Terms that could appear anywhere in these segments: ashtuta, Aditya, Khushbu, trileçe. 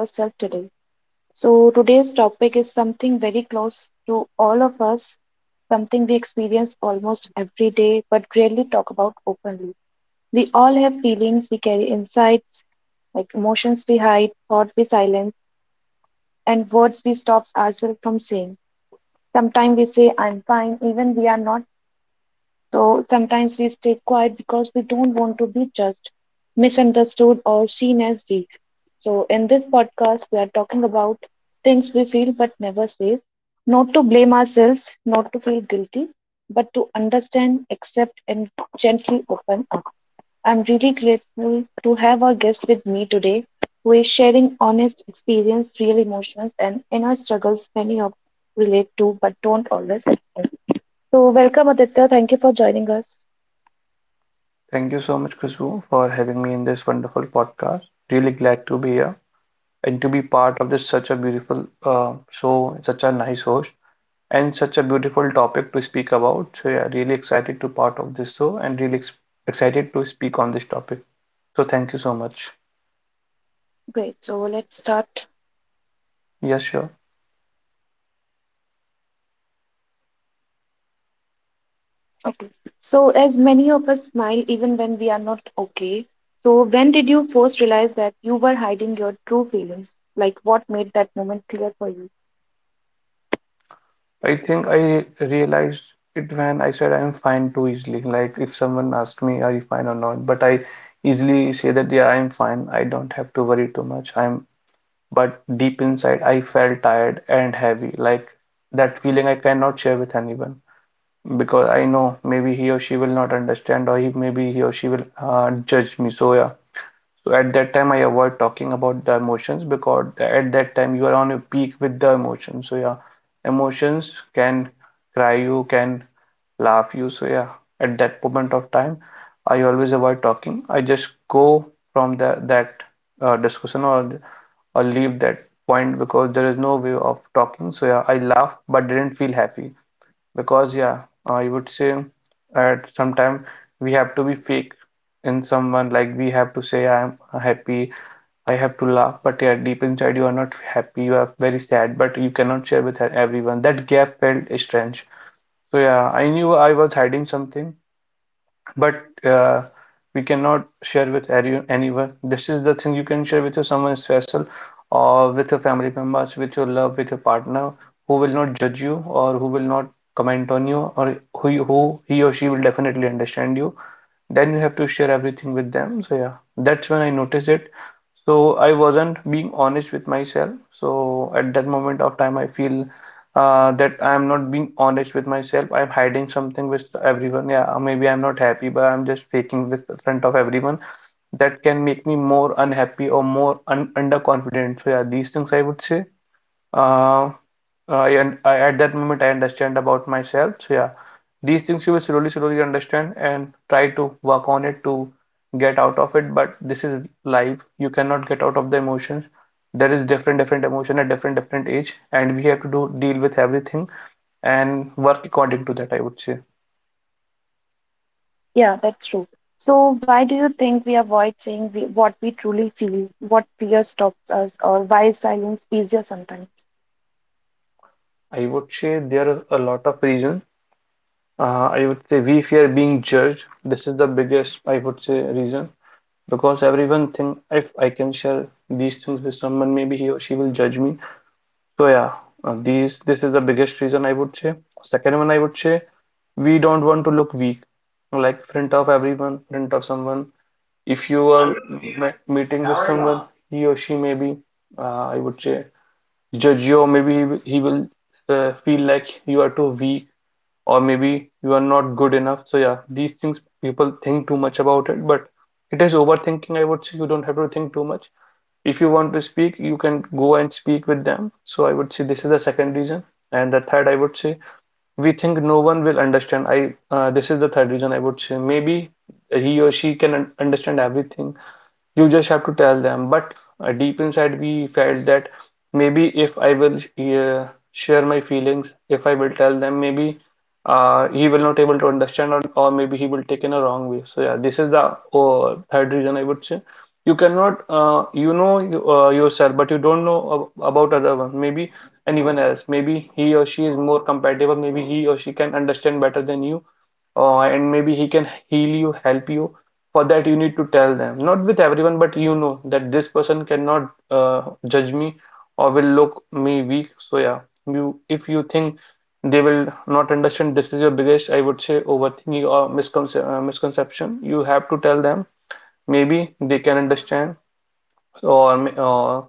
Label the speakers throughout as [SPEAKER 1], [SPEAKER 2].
[SPEAKER 1] Ourselves today. So, today's topic is something very close to all of us, something we experience almost every day but rarely talk about openly. We all have feelings we carry insights, like emotions we hide, thoughts we silence, and words we stop ourselves from saying. Sometimes we say, I'm fine, even we are not, so sometimes we stay quiet because we don't want to be judged, misunderstood, or seen as weak. So in this podcast, we are talking about things we feel but never say, not to blame ourselves, not to feel guilty, but to understand, accept, and gently open up. I'm really grateful to have our guest with me today, who is sharing honest experience, real emotions, and inner struggles many of relate to but don't always express. So welcome Aditya, thank you for joining us.
[SPEAKER 2] Thank you so much, Khushbu, for having me in this wonderful podcast. Really glad to be here and to be part of this such a beautiful show, such a nice host, and such a beautiful topic to speak about. So yeah, really excited to part of this show and really ex excited to speak on this topic. So thank you so much.
[SPEAKER 1] Great. So let's start.
[SPEAKER 2] Yes, sure.
[SPEAKER 1] Okay. So, as many of us smile even when we are not okay, so when did you first realize that you were hiding your true feelings? Like, what made that moment clear for you?
[SPEAKER 2] I think I realized it when I said I'm fine too easily. Like if someone asked me, are you fine or not? But I easily say that yeah, I'm fine. I don't have to worry too much. I'm But deep inside, I felt tired and heavy, like that feeling I cannot share with anyone because I know maybe he or she will not understand, or maybe he or she will judge me. So, yeah. So, at that time, I avoid talking about the emotions because at that time, you are on a peak with the emotions. So, yeah, emotions can cry you, can laugh you. So, yeah, at that moment of time, I always avoid talking. I just go from that discussion or leave that point because there is no way of talking. So yeah, I laughed but didn't feel happy because yeah, I would say at some time we have to be fake in someone like we have to say I'm happy, I have to laugh, but yeah, deep inside you are not happy, you are very sad, but you cannot share with everyone. That gap felt strange. So yeah, I knew I was hiding something, but we cannot share with anyone. This is the thing you can share with your someone special or with your family members, with your love, with your partner who will not judge you or who will not comment on you or who he or she will definitely understand you. Then you have to share everything with them. So yeah, that's when I noticed it, so I wasn't being honest with myself. So at that moment of time, I feel that I am not being honest with myself. I'm hiding something with everyone. Yeah, maybe I'm not happy, but I'm just faking with in front of everyone. That can make me more unhappy or more un underconfident. So yeah, these things I would say. Uh, I, at that moment I understand about myself. So yeah, these things you will slowly, slowly understand and try to work on it to get out of it. But this is life. You cannot get out of the emotions. There is different, different emotion at different, different age, and we have to do deal with everything and work according to that. I would say.
[SPEAKER 1] Yeah, that's true. So, why do you think we avoid saying what we truly feel, what fear stops us, or why is silence easier sometimes?
[SPEAKER 2] I would say there are a lot of reasons. I would say we fear being judged. This is the biggest, I would say, reason. Because everyone think if I can share these things with someone, maybe he or she will judge me. So yeah, these this is the biggest reason I would say. Second one, I would say we don't want to look weak, like front of everyone, front of someone. If you are meeting with someone, he or she maybe I would say judge you, or maybe he will feel like you are too weak or maybe you are not good enough. So yeah, these things people think too much about it, but it is overthinking. I would say you don't have to think too much. If you want to speak, you can go and speak with them. So I would say this is the second reason, and the third I would say we think no one will understand. I This is the third reason I would say maybe he or she can understand everything, you just have to tell them. But deep inside, we felt that maybe if I will share my feelings, if I will tell them, maybe he will not able to understand, or maybe he will take in a wrong way. So yeah, this is the third reason I would say. You cannot, you know yourself, but you don't know ab about other one. Maybe anyone else. Maybe he or she is more compatible. Maybe he or she can understand better than you and maybe he can heal you, help you. For that, you need to tell them. Not with everyone, but you know that this person cannot judge me or will look me weak. So yeah, you if you think they will not understand, this is your biggest, I would say, overthinking or misconception. You have to tell them. Maybe they can understand. or m- uh,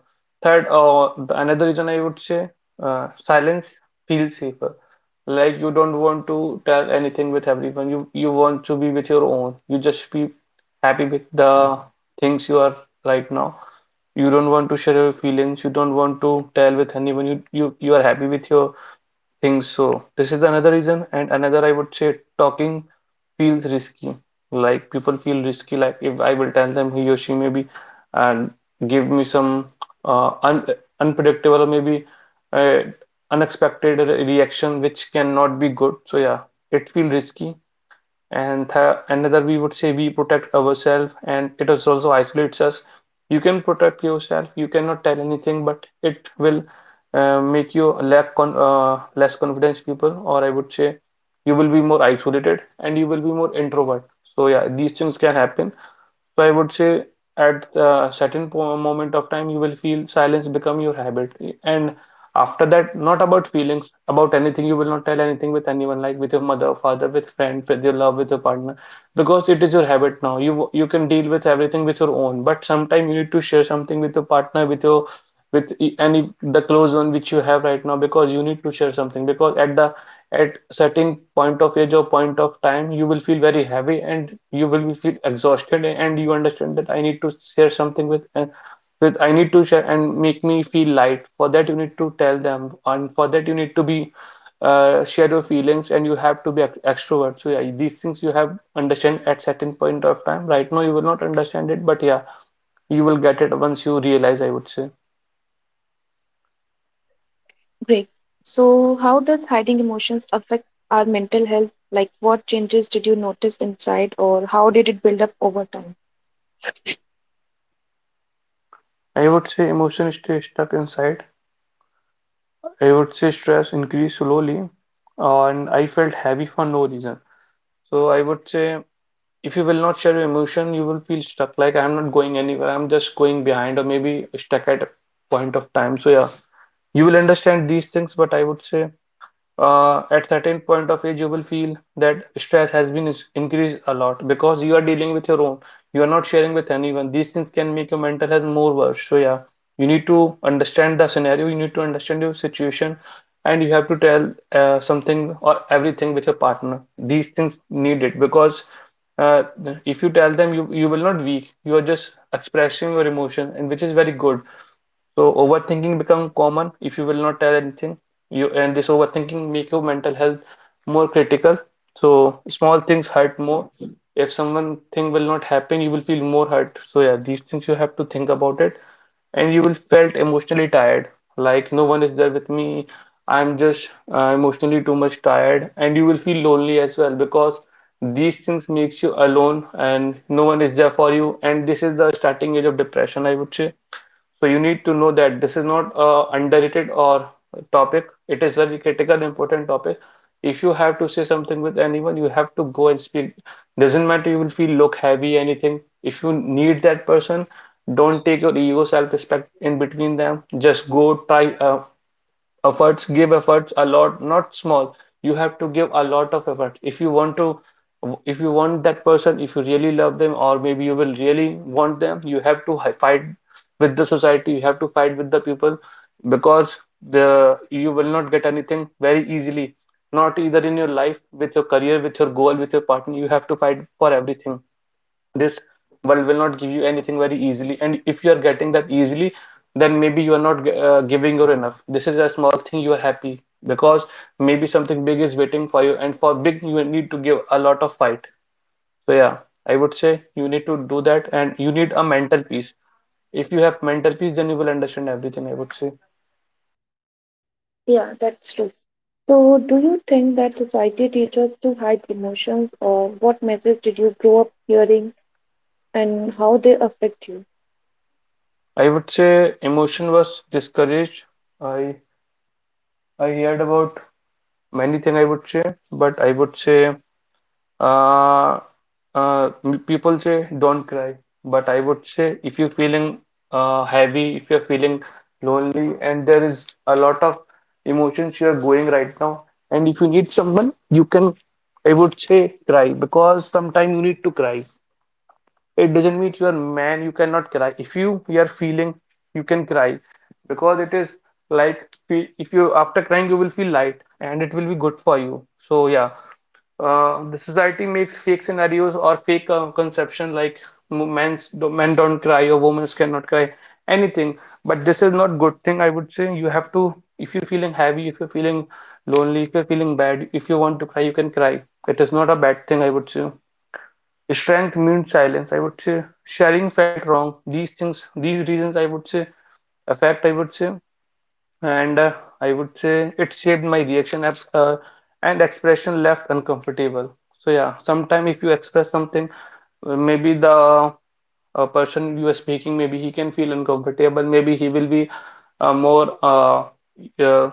[SPEAKER 2] third uh, the another reason I would say, silence feels safer. Like you don't want to tell anything with everyone. You want to be with your own. You just be happy with the things you are right now. You don't want to share your feelings. You don't want to tell with anyone. You are happy with your think so. This is another reason, and another I would say talking feels risky. Like people feel risky, like if I will tell them he or she maybe and give me some un unpredictable or maybe uh, unexpected reaction which cannot be good. So yeah, it feels risky, and th another we would say we protect ourselves and it is also isolates us. You can protect yourself, you cannot tell anything, but it will make you lack con less confidence people, or I would say you will be more isolated and you will be more introvert. So yeah, these things can happen. So I would say at the certain po moment of time, you will feel silence become your habit. And after that, not about feelings, about anything. You will not tell anything with anyone, like with your mother, father, with friend, with your love, with your partner, because it is your habit now. You can deal with everything with your own, but sometime you need to share something with your partner, with any the close one which you have right now, because you need to share something. Because at certain point of age or point of time you will feel very heavy and you will be feel exhausted and you understand that I need to share something with, and with I need to share and make me feel light. For that you need to tell them, and for that you need to be share your feelings and you have to be extrovert. So yeah, these things you have understand at certain point of time. Right now you will not understand it, but yeah, you will get it once you realize, I would say.
[SPEAKER 1] Great. So, how does hiding emotions affect our mental health? Like, what changes did you notice inside, or how did it build up over time?
[SPEAKER 2] I would say emotion is stay stuck inside. I would say stress increased slowly, and I felt heavy for no reason. So I would say if you will not share your emotion, you will feel stuck. Like I'm not going anywhere. I'm just going behind, or maybe stuck at a point of time. So yeah, you will understand these things, but I would say at certain point of age you will feel that stress has been increased a lot because you are dealing with your own. You are not sharing with anyone. These things can make your mental health more worse. So yeah, you need to understand the scenario, you need to understand your situation, and you have to tell something or everything with your partner. These things need it, because uh, if you tell them you you will not weak, you are just expressing your emotion, and which is very good. So overthinking become common if you will not tell anything. You and this overthinking make your mental health more critical. So small things hurt more. If someone thing will not happen, you will feel more hurt. So yeah, these things you have to think about it, and you will felt emotionally tired. Like no one is there with me. I'm just emotionally too much tired, and you will feel lonely as well, because these things makes you alone and no one is there for you. And this is the starting age of depression, I would say. So you need to know that this is not a underrated or topic. It is very critical, important topic. If you have to say something with anyone, you have to go and speak. Doesn't matter you will feel look heavy, anything. If you need that person, don't take your ego, self-respect in between them. Just go, try, efforts give efforts a lot, not small. You have to give a lot of effort if you want that person, if you really love them, or maybe you will really want them. You have to fight with the society, you have to fight with the people, because the you will not get anything very easily, not either in your life, with your career, with your goal, with your partner. You have to fight for everything. This world will not give you anything very easily, and if you are getting that easily, then maybe you are not giving your enough. This is a small thing, you are happy because maybe something big is waiting for you, and for big you need to give a lot of fight. So yeah, I would say you need to do that, and you need a mental peace. If you have mental peace, then you will understand everything, I would say.
[SPEAKER 1] Yeah, that's true. So, do you think that society teaches us to hide emotions, or what message did you grow up hearing and how they affect you?
[SPEAKER 2] I would say emotion was discouraged. I i heard about many things, I would say. But I would say, Uh, people say don't cry, but I would say if you're feeling heavy, if you're feeling lonely, and there is a lot of emotions you're going right now. And if you need someone, you can, I would say, cry, because sometimes you need to cry. It doesn't mean you're man you cannot cry. If you are feeling, you can cry, because it is like, if you, after crying, you will feel light, and it will be good for you. So yeah, the society makes fake scenarios or fake conception, like men don't cry, or women cannot cry, anything. But this is not good thing, I would say. You have to, if you're feeling heavy, if you're feeling lonely, if you're feeling bad, if you want to cry, you can cry. It is not a bad thing, I would say. Strength means silence, I would say. Sharing felt wrong. These things, these reasons, I would say, affect, I would say, and I would say it shaped my reaction up, and expression left uncomfortable. So yeah, sometime if you express something, maybe the person you are speaking, maybe he can feel uncomfortable. Maybe he will be more, uh,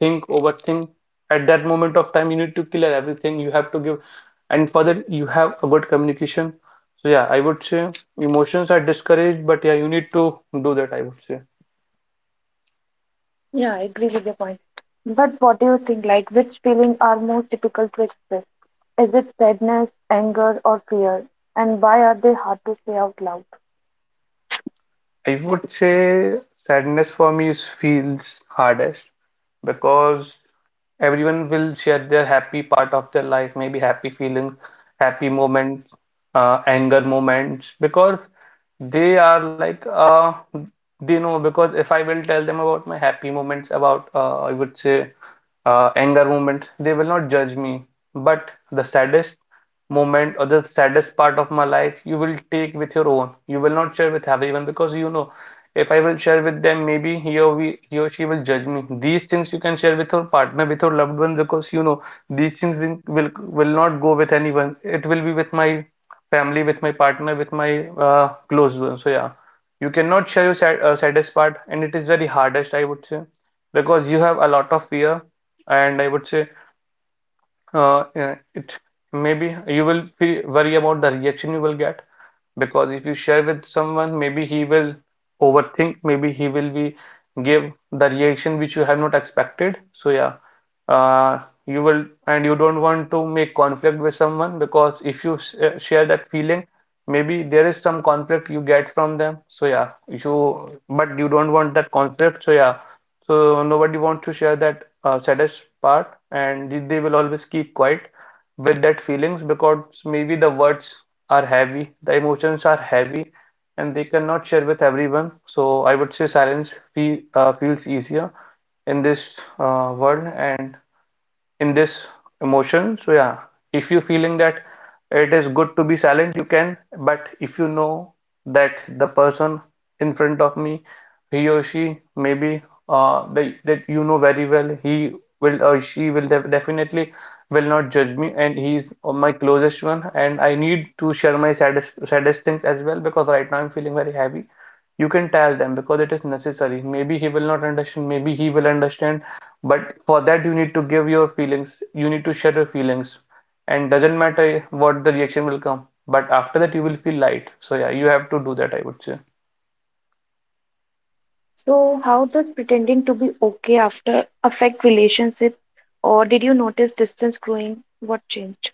[SPEAKER 2] overthink. At that moment of time, you need to clear everything. You have to give, and for that, you have a good communication. So yeah, I would say emotions are discouraged, but yeah, you need to do that, I would say.
[SPEAKER 1] Yeah, I agree with your point. But what do you think, like, which feelings are most difficult to express? Is it sadness, anger, or fear? And why are they hard to say out loud?
[SPEAKER 2] I would say sadness for me is feels hardest, because everyone will share their happy part of their life, maybe happy feelings, happy moments, anger moments, because they are like, they know. Because if I will tell them about my happy moments, about, I would say, anger moments, they will not judge me. But the saddest moment or the saddest part of my life, you will take with your own. You will not share with everyone, because you know if I will share with them, maybe he or she will judge me. These things you can share with your partner, with your loved one, because you know these things will not go with anyone. It will be with my family, with my partner, with my close ones. So yeah, you cannot share your saddest part, and it is very hardest, I would say, because you have a lot of fear, and I would say, it maybe you will feel worry about the reaction you will get, because if you share with someone, maybe he will overthink, maybe he will be, give the reaction which you have not expected. So yeah, uh, you will, and you don't want to make conflict with someone, because if you share that feeling, maybe there is some conflict you get from them. So yeah, you, but you don't want that conflict. So yeah, so nobody wants to share that saddest part, and they will always keep quiet with that feelings, because maybe the words are heavy, the emotions are heavy, and they cannot share with everyone. So I would say silence feels easier in this world, and in this emotion. So yeah, if you're feeling that, it is good to be silent, you can. But if you know that the person in front of me, he or she, maybe they, that you know very well, he will, or she will definitely will not judge me, and he's my closest one, and I need to share my saddest things as well, because right now I'm feeling very heavy. You can tell them because it is necessary. Maybe he will not understand, maybe he will understand, but for that you need to give your feelings, you need to share your feelings, and doesn't matter what the reaction will come, but after that you will feel light. So yeah, you have to do that, I would say.
[SPEAKER 1] So, how does pretending to be okay after affect relationships, or did you notice distance growing? What changed?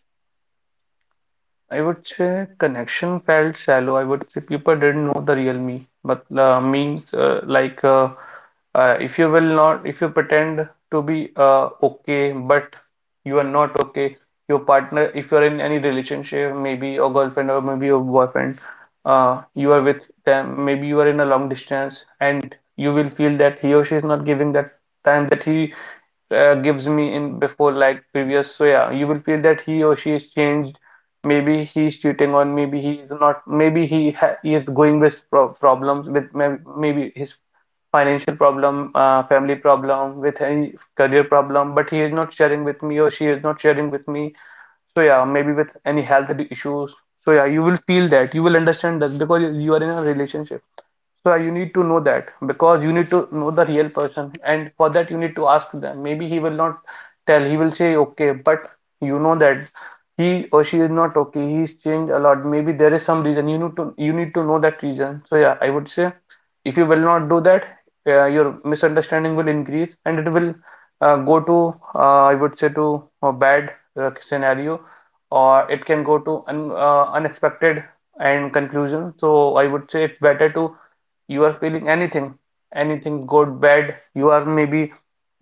[SPEAKER 2] I would say connection felt shallow. I would say people didn't know the real me. But memes, like, if you will not, if you pretend to be okay, but you are not okay. Your partner, if you are in any relationship, maybe your girlfriend or maybe your boyfriend, you are with them, maybe you are in a long distance, and you will feel that he or she is not giving that time that he gives me in before, like previous. So yeah, you will feel that he or she is changed. Maybe he's cheating on, maybe he is not. Maybe he is going with problems, with maybe his financial problem, family problem, with any career problem, but he is not sharing with me, or she is not sharing with me. So yeah, maybe with any health issues. So yeah, you will feel that, you will understand that, because you are in a relationship. So you need to know that, because you need to know the real person, and for that you need to ask them. Maybe he will not tell, he will say okay, but you know that he or she is not okay, he's changed a lot. Maybe there is some reason, you need to know that reason. So yeah, I would say, if you will not do that, your misunderstanding will increase, and it will, go to, I would say, to a bad scenario, or it can go to unexpected and conclusion. So I would say it's better to, you are feeling anything, anything good, bad. You are maybe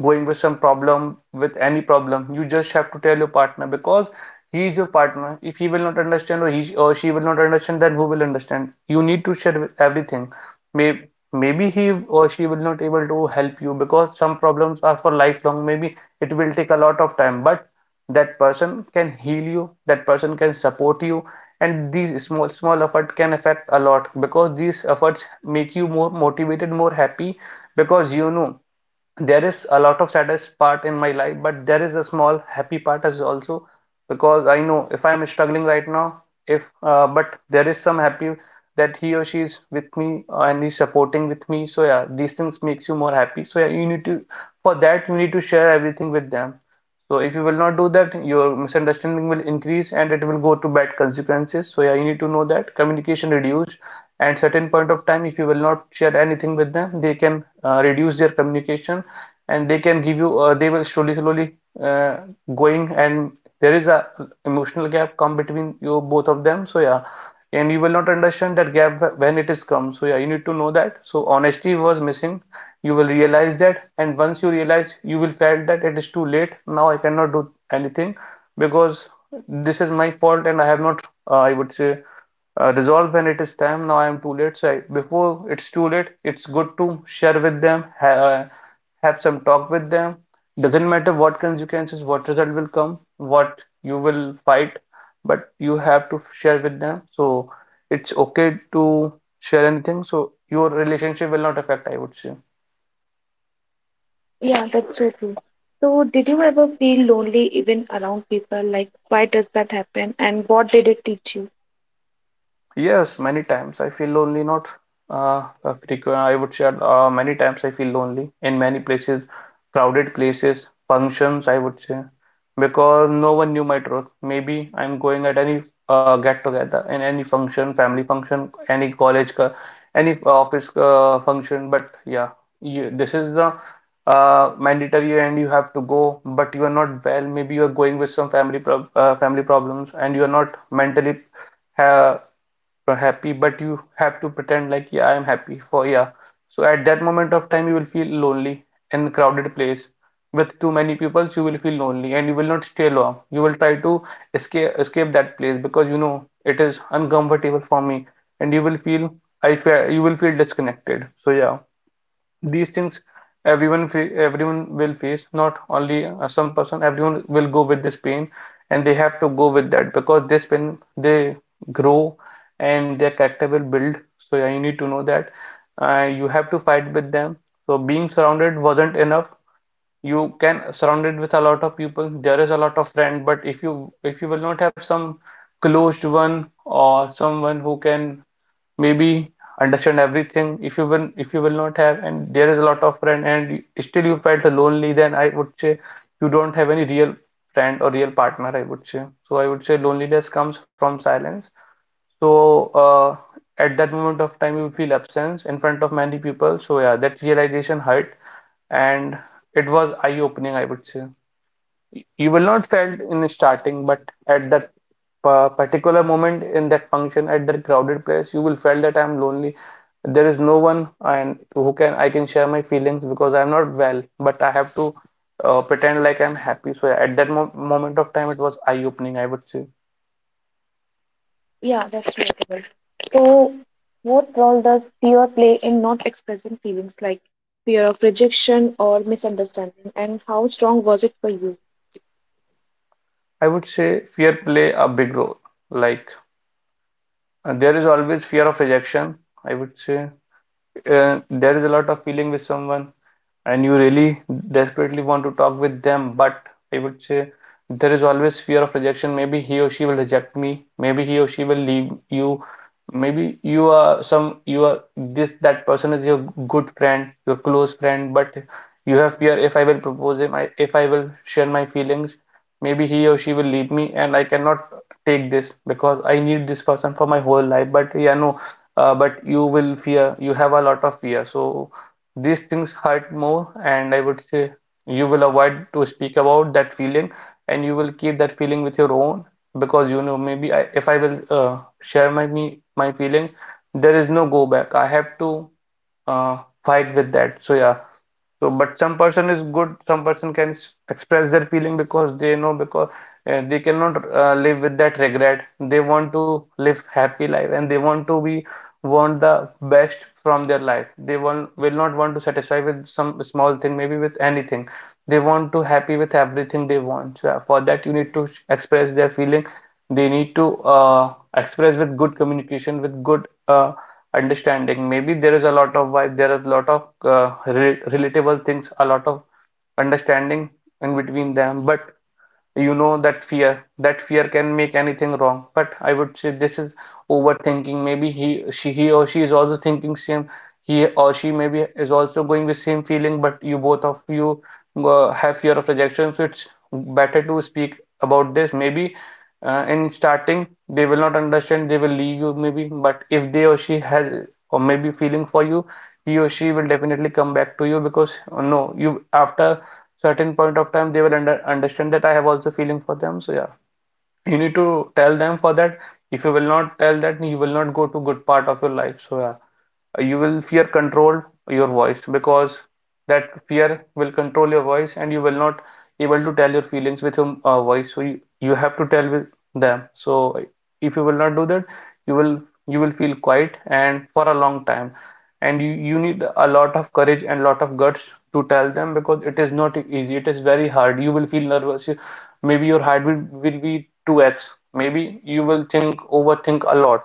[SPEAKER 2] going with some problem, with any problem. You just have to tell your partner, because he is your partner. If he will not understand, or he or she will not understand, then who will understand? You need to share everything. Maybe maybe he or she will not able to help you, because some problems are for lifelong. Maybe it will take a lot of time, but that person can heal you, that person can support you, and these small small effort can affect a lot, because these efforts make you more motivated, more happy. Because you know there is a lot of saddest part in my life, but there is a small happy part as also, because I know if I'm struggling right now, if, but there is some happy that he or she is with me, and he's supporting with me. So yeah, these things makes you more happy. So yeah, you need to, for that you need to share everything with them. So if you will not do that, your misunderstanding will increase, and it will go to bad consequences. So yeah, you need to know that communication reduced at certain point of time. If you will not share anything with them, they can reduce their communication, and they can give you. They will slowly, slowly uh, going, and there is a emotional gap come between you both of them. So yeah, and you will not understand that gap when it is come. So yeah, you need to know that. So honesty was missing. You will realize that, and once you realize, you will felt that it is too late. Now I cannot do anything, because this is my fault, and I have not. I would say, resolve when it is time. Now I am too late. So I, before it's too late, it's good to share with them, ha have some talk with them. Doesn't matter what consequences, what result will come, what you will fight, but you have to share with them. So it's okay to share anything. So your relationship will not affect, I would say.
[SPEAKER 1] Yeah, that's so true. So, did you ever feel lonely even around people? Like, why does that happen? And what did it teach you?
[SPEAKER 2] Yes, many times I feel lonely, not I would say many times I feel lonely in many places, crowded places, functions, I would say, because no one knew my truth. Maybe I'm going at any get together in any function, family function, any college, any office function. But yeah, this is the mandatory and you have to go, but you are not well. Maybe you are going with some family problems and you are not mentally uh, happy, but you have to pretend like, yeah, I'm happy for yeah. So at that moment of time, you will feel lonely in a crowded place with too many people. You will feel lonely, and you will not stay long. You will try to escape that place because you know it is uncomfortable for me, and you will feel I feel you will feel disconnected. So yeah, these things everyone everyone will face, not only some person, everyone will go with this pain, and they have to go with that because this pain they grow and their character will build. So yeah, you need to know that you have to fight with them. So being surrounded wasn't enough. You can surround it with a lot of people, there is a lot of friend, but if you will not have some closed one or someone who can maybe understand everything, if you will not have, and there is a lot of friend and still you felt lonely, then I would say you don't have any real friend or real partner, I would say. So I would say loneliness comes from silence. So uh, at that moment of time you feel absence in front of many people. So yeah, that realization hurt, and it was eye-opening, I would say. You will not felt in starting, but at that particular moment, in that function, at that crowded place, you will felt that I'm lonely. There is no one, and who can I can share my feelings, because I'm not well, but I have to pretend like I'm happy. So yeah, at that mo moment of time it was eye-opening, I would say.
[SPEAKER 1] Yeah, that's relatable. So, what role does fear play in not expressing feelings like fear of rejection or misunderstanding? And how strong was it for you?
[SPEAKER 2] I would say fear play a big role, like there is always fear of rejection, I would say. Uh, there is a lot of feeling with someone, and you really desperately want to talk with them, but I would say there is always fear of rejection. Maybe he or she will reject me. Maybe he or she will leave you. Maybe you are this that person is your good friend, your close friend, but you have fear, if I will propose him, if I will share my feelings, maybe he or she will leave me and I cannot take this because I need this person for my whole life. But yeah, no, but you will fear, you have a lot of fear. So these things hurt more, and I would say you will avoid to speak about that feeling, and you will keep that feeling with your own, because you know, maybe if I will share my feeling, there is no go back. I have to uh, fight with that. So yeah, so, but some person is good, some person can express their feeling because they know, because they cannot live with that regret. They want to live happy life and they want to be want the best from their life. They want will not want to satisfy with some small thing, maybe with anything. They want to happy with everything they want. So for that you need to express their feeling. They need to express with good communication, with good understanding. Maybe there is a lot of vibe, there is a lot of re relatable things, a lot of understanding in between them, but you know that fear, that fear can make anything wrong, but I would say this is overthinking. Maybe he or she is also thinking same, he or she maybe is also going with same feeling, but you both of you have fear of rejection. So it's better to speak about this. Maybe in starting, they will not understand, they will leave you maybe, but if they or she has or maybe feeling for you, he or she will definitely come back to you, because no, you after certain point of time they will understand that I have also feeling for them. So yeah, you need to tell them for that. If you will not tell that, you will not go to good part of your life. So yeah, you will fear control your voice, because that fear will control your voice and you will not able to tell your feelings with your voice. So you have to tell with them. So if you will not do that, you will, you will feel quiet and for a long time. And you need a lot of courage and lot of guts to tell them, because it is not easy, it is very hard, you will feel nervous, maybe your heartbeat will be 2x, maybe you will think overthink a lot.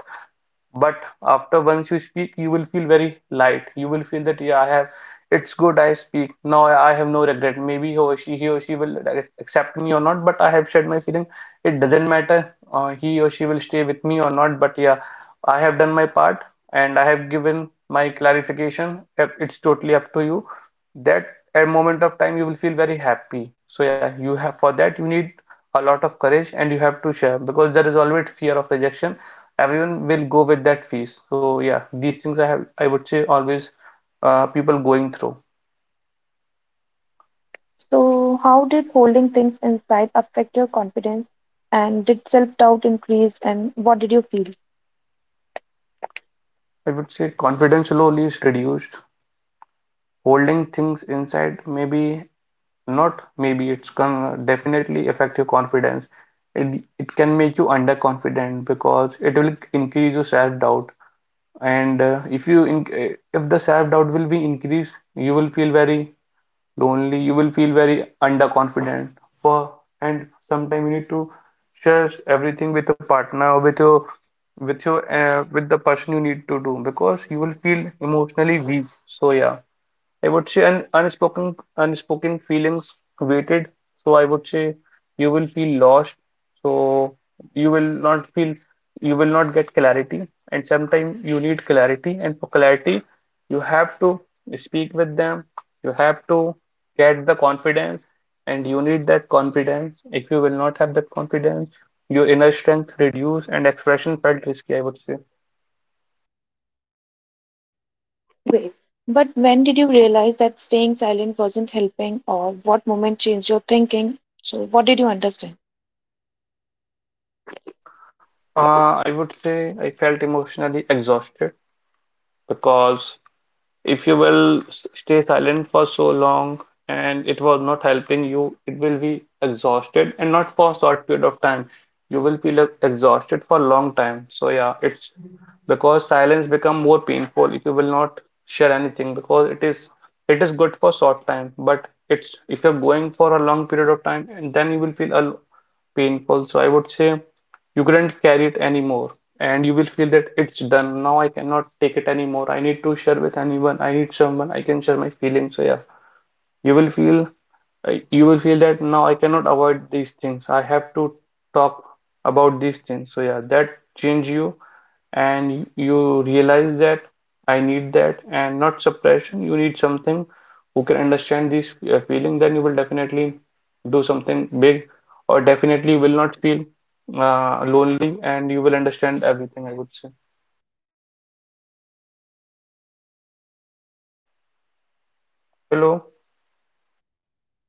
[SPEAKER 2] But after once you speak, you will feel very light. You will feel that yeah, it's good I speak. Now I have no regret. Maybe he or she will accept me or not, but I have shared my feeling. It doesn't matter. He or she will stay with me or not. But yeah, I have done my part and I have given my clarification. It's totally up to you. That at moment of time you will feel very happy. So yeah, you have, for that you need a lot of courage and you have to share, because there is always fear of rejection, everyone will go with that fees. So yeah, these things I would say always people going through.
[SPEAKER 1] So, how did holding things inside affect your confidence? And did self doubt increase? And what did you feel?
[SPEAKER 2] I would say confidence slowly is reduced. Holding things inside, maybe not, maybe it's gonna definitely affect your confidence. It can make you underconfident because it will increase your self-doubt. And if you in, if the self-doubt will be increased, you will feel very lonely, you will feel very underconfident for, and sometimes you need to share everything with your partner, with your, with your with the person, you need to do, because you will feel emotionally weak. So yeah, I would say un unspoken unspoken feelings weighted. So I would say you will feel lost. So you will not feel, you will not get clarity. And sometimes you need clarity. And for clarity, you have to speak with them. You have to get the confidence. And you need that confidence. If you will not have that confidence, your inner strength reduce and expression felt risky, I would say.
[SPEAKER 1] Great, but when did you realize that staying silent wasn't helping, or what moment changed your thinking? So, what did you understand?
[SPEAKER 2] I would say I felt emotionally exhausted, because if you will stay silent for so long and it was not helping you, it will be exhausted and not for a short period of time, you will feel exhausted for a long time. So yeah, it's because silence become more painful if you will not share anything, because it is, it is good for short time, but it's if you're going for a long period of time and then you will feel a painful. So I would say you couldn't carry it anymore and you will feel that it's done. Now I cannot take it anymore. I need to share with anyone. I need someone I can share my feelings. So yeah. You will feel you will feel that now I cannot avoid these things. I have to talk about these things. So yeah, that change you, and you realize that I need that and not suppression. You need something who can understand this feeling. Then you will definitely do something big or definitely will not feel lonely, and you will understand everything, I would say. Hello.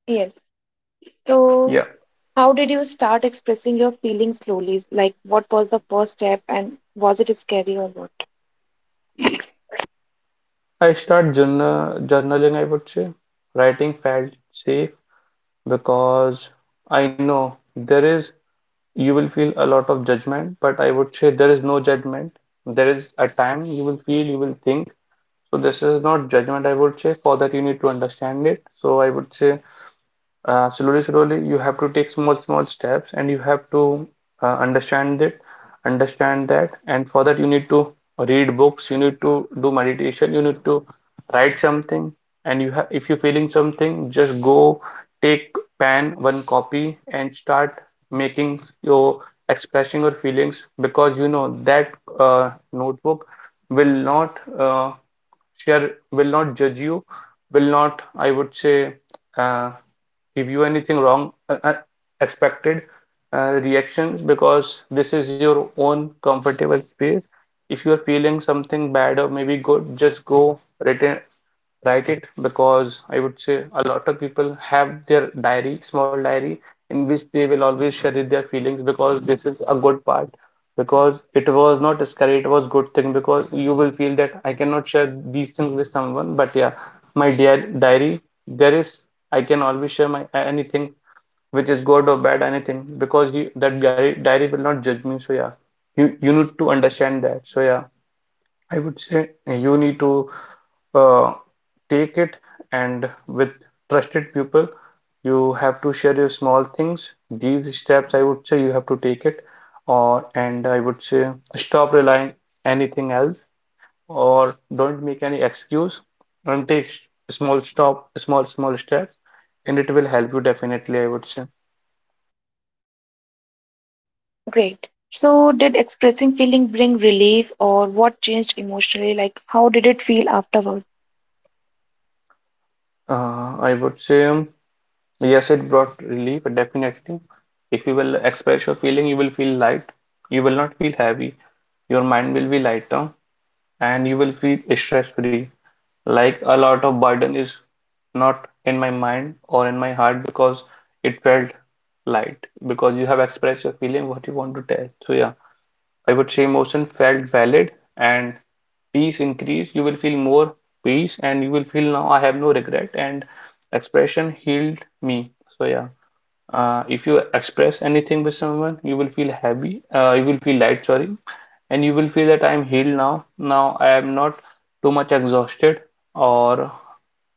[SPEAKER 1] Yes. So,
[SPEAKER 2] Yeah.
[SPEAKER 1] how did you start expressing your feelings slowly? Like, what was the first step, and was it scary or what?
[SPEAKER 2] I start journaling, I would say. Writing felt safe, because I know there is, you will feel a lot of judgment, but I would say there is no judgment. There is a time you will feel, you will think. So this is not judgment, I would say. For that, you need to understand it. So I would say slowly you have to take small steps and you have to uh, understand it understand that, and for that you need to read books, you need to do meditation, you need to write something. And you have, if you're feeling something, just go take pen one copy and start making your expressing your feelings, because you know that notebook will not will not judge you, will not, I would say, uh, give you anything wrong, expected reactions, because this is your own comfortable space. If you are feeling something bad or maybe good, just go return write it because I would say a lot of people have their diary, small diary, in which they will always share it their feelings because this is a good part. Because it was not scary, it was good thing because you will feel that I cannot share these things with someone, but yeah, my dear diary, there is I can always share my anything which is good or bad anything because you, that diary will not judge me, so yeah you need to understand that, so yeah I would say you need to uh, take it and with trusted people, you have to share your small things. These steps, I would say, you have to take it, or and I would say stop relying anything else, or don't make any excuse, and small stop, small small steps, and it will help you definitely, I would say.
[SPEAKER 1] Great. So, did expressing feeling bring relief, or what changed emotionally? Like, how did it feel afterwards?
[SPEAKER 2] Uh, I would say. um, Yes, it brought relief, definitely. If you will express your feeling, you will feel light. You will not feel heavy. Your mind will be lighter and you will feel stress-free. Like a lot of burden is not in my mind or in my heart because it felt light. Because you have expressed your feeling, what you want to tell. So, yeah. I would say emotion felt valid and peace increased. You will feel more peace and you will feel now I have no regret and expression healed me. So yeah. If you express anything with someone, you will feel happy, you will feel light, sorry, and you will feel that I am healed now. Now I am not too much exhausted, or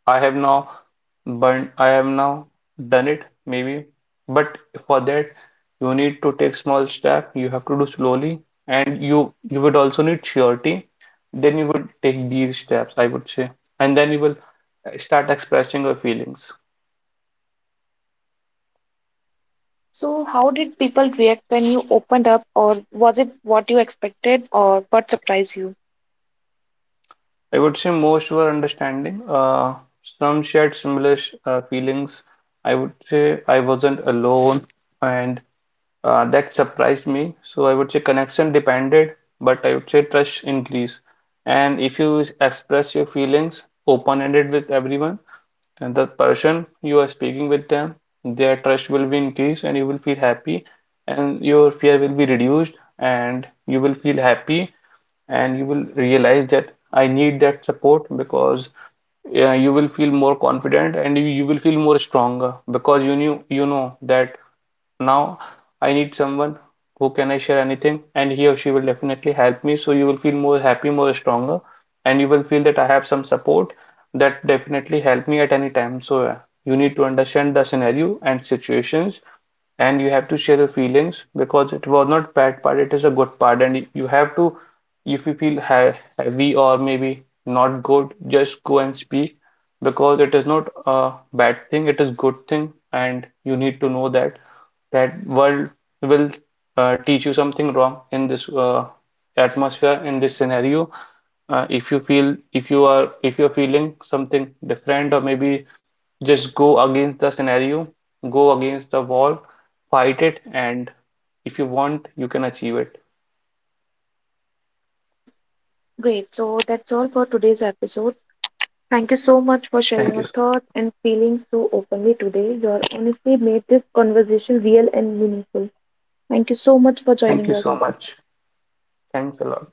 [SPEAKER 2] I have now burnt, I have now done it, maybe. But for that, you need to take small step, you have to do slowly, and you would also need surety. Then you would take these steps, I would say, and then you will start expressing your feelings.
[SPEAKER 1] So, how did people react when you opened up, or was it what you expected, or what surprised you?
[SPEAKER 2] I would say most were understanding. Some shared similar feelings. I would say I wasn't alone, and that surprised me. So I would say connection depended, but I would say trust increased. And if you express your feelings open-ended with everyone and the person you are speaking with them, their trust will be increased and you will feel happy and your fear will be reduced and you will feel happy and you will realize that I need that support because yeah, you will feel more confident and you will feel more stronger because you knew you know that. Now I need someone who can I share anything, and he or she will definitely help me. So you will feel more happy, more stronger, and you will feel that I have some support that definitely help me at any time. So yeah, you need to understand the scenario and situations, and you have to share your feelings because it was not bad part, it is a good part, and you have to, if you feel heavy or maybe not good, just go and speak because it is not a bad thing, it is good thing and you need to know that that world will teach you something wrong in this atmosphere in this scenario. If you're feeling something different or maybe just go against the scenario, go against the wall, fight it, and if you want you can achieve it.
[SPEAKER 1] Great. So, that's all for today's episode. Thank you so much for sharing
[SPEAKER 2] thank you
[SPEAKER 1] your
[SPEAKER 2] so-
[SPEAKER 1] thoughts and feelings so openly today. Your honesty made this conversation real and meaningful. Thank you so much for
[SPEAKER 2] Thank
[SPEAKER 1] joining
[SPEAKER 2] you
[SPEAKER 1] us.
[SPEAKER 2] so much. Thanks a lot.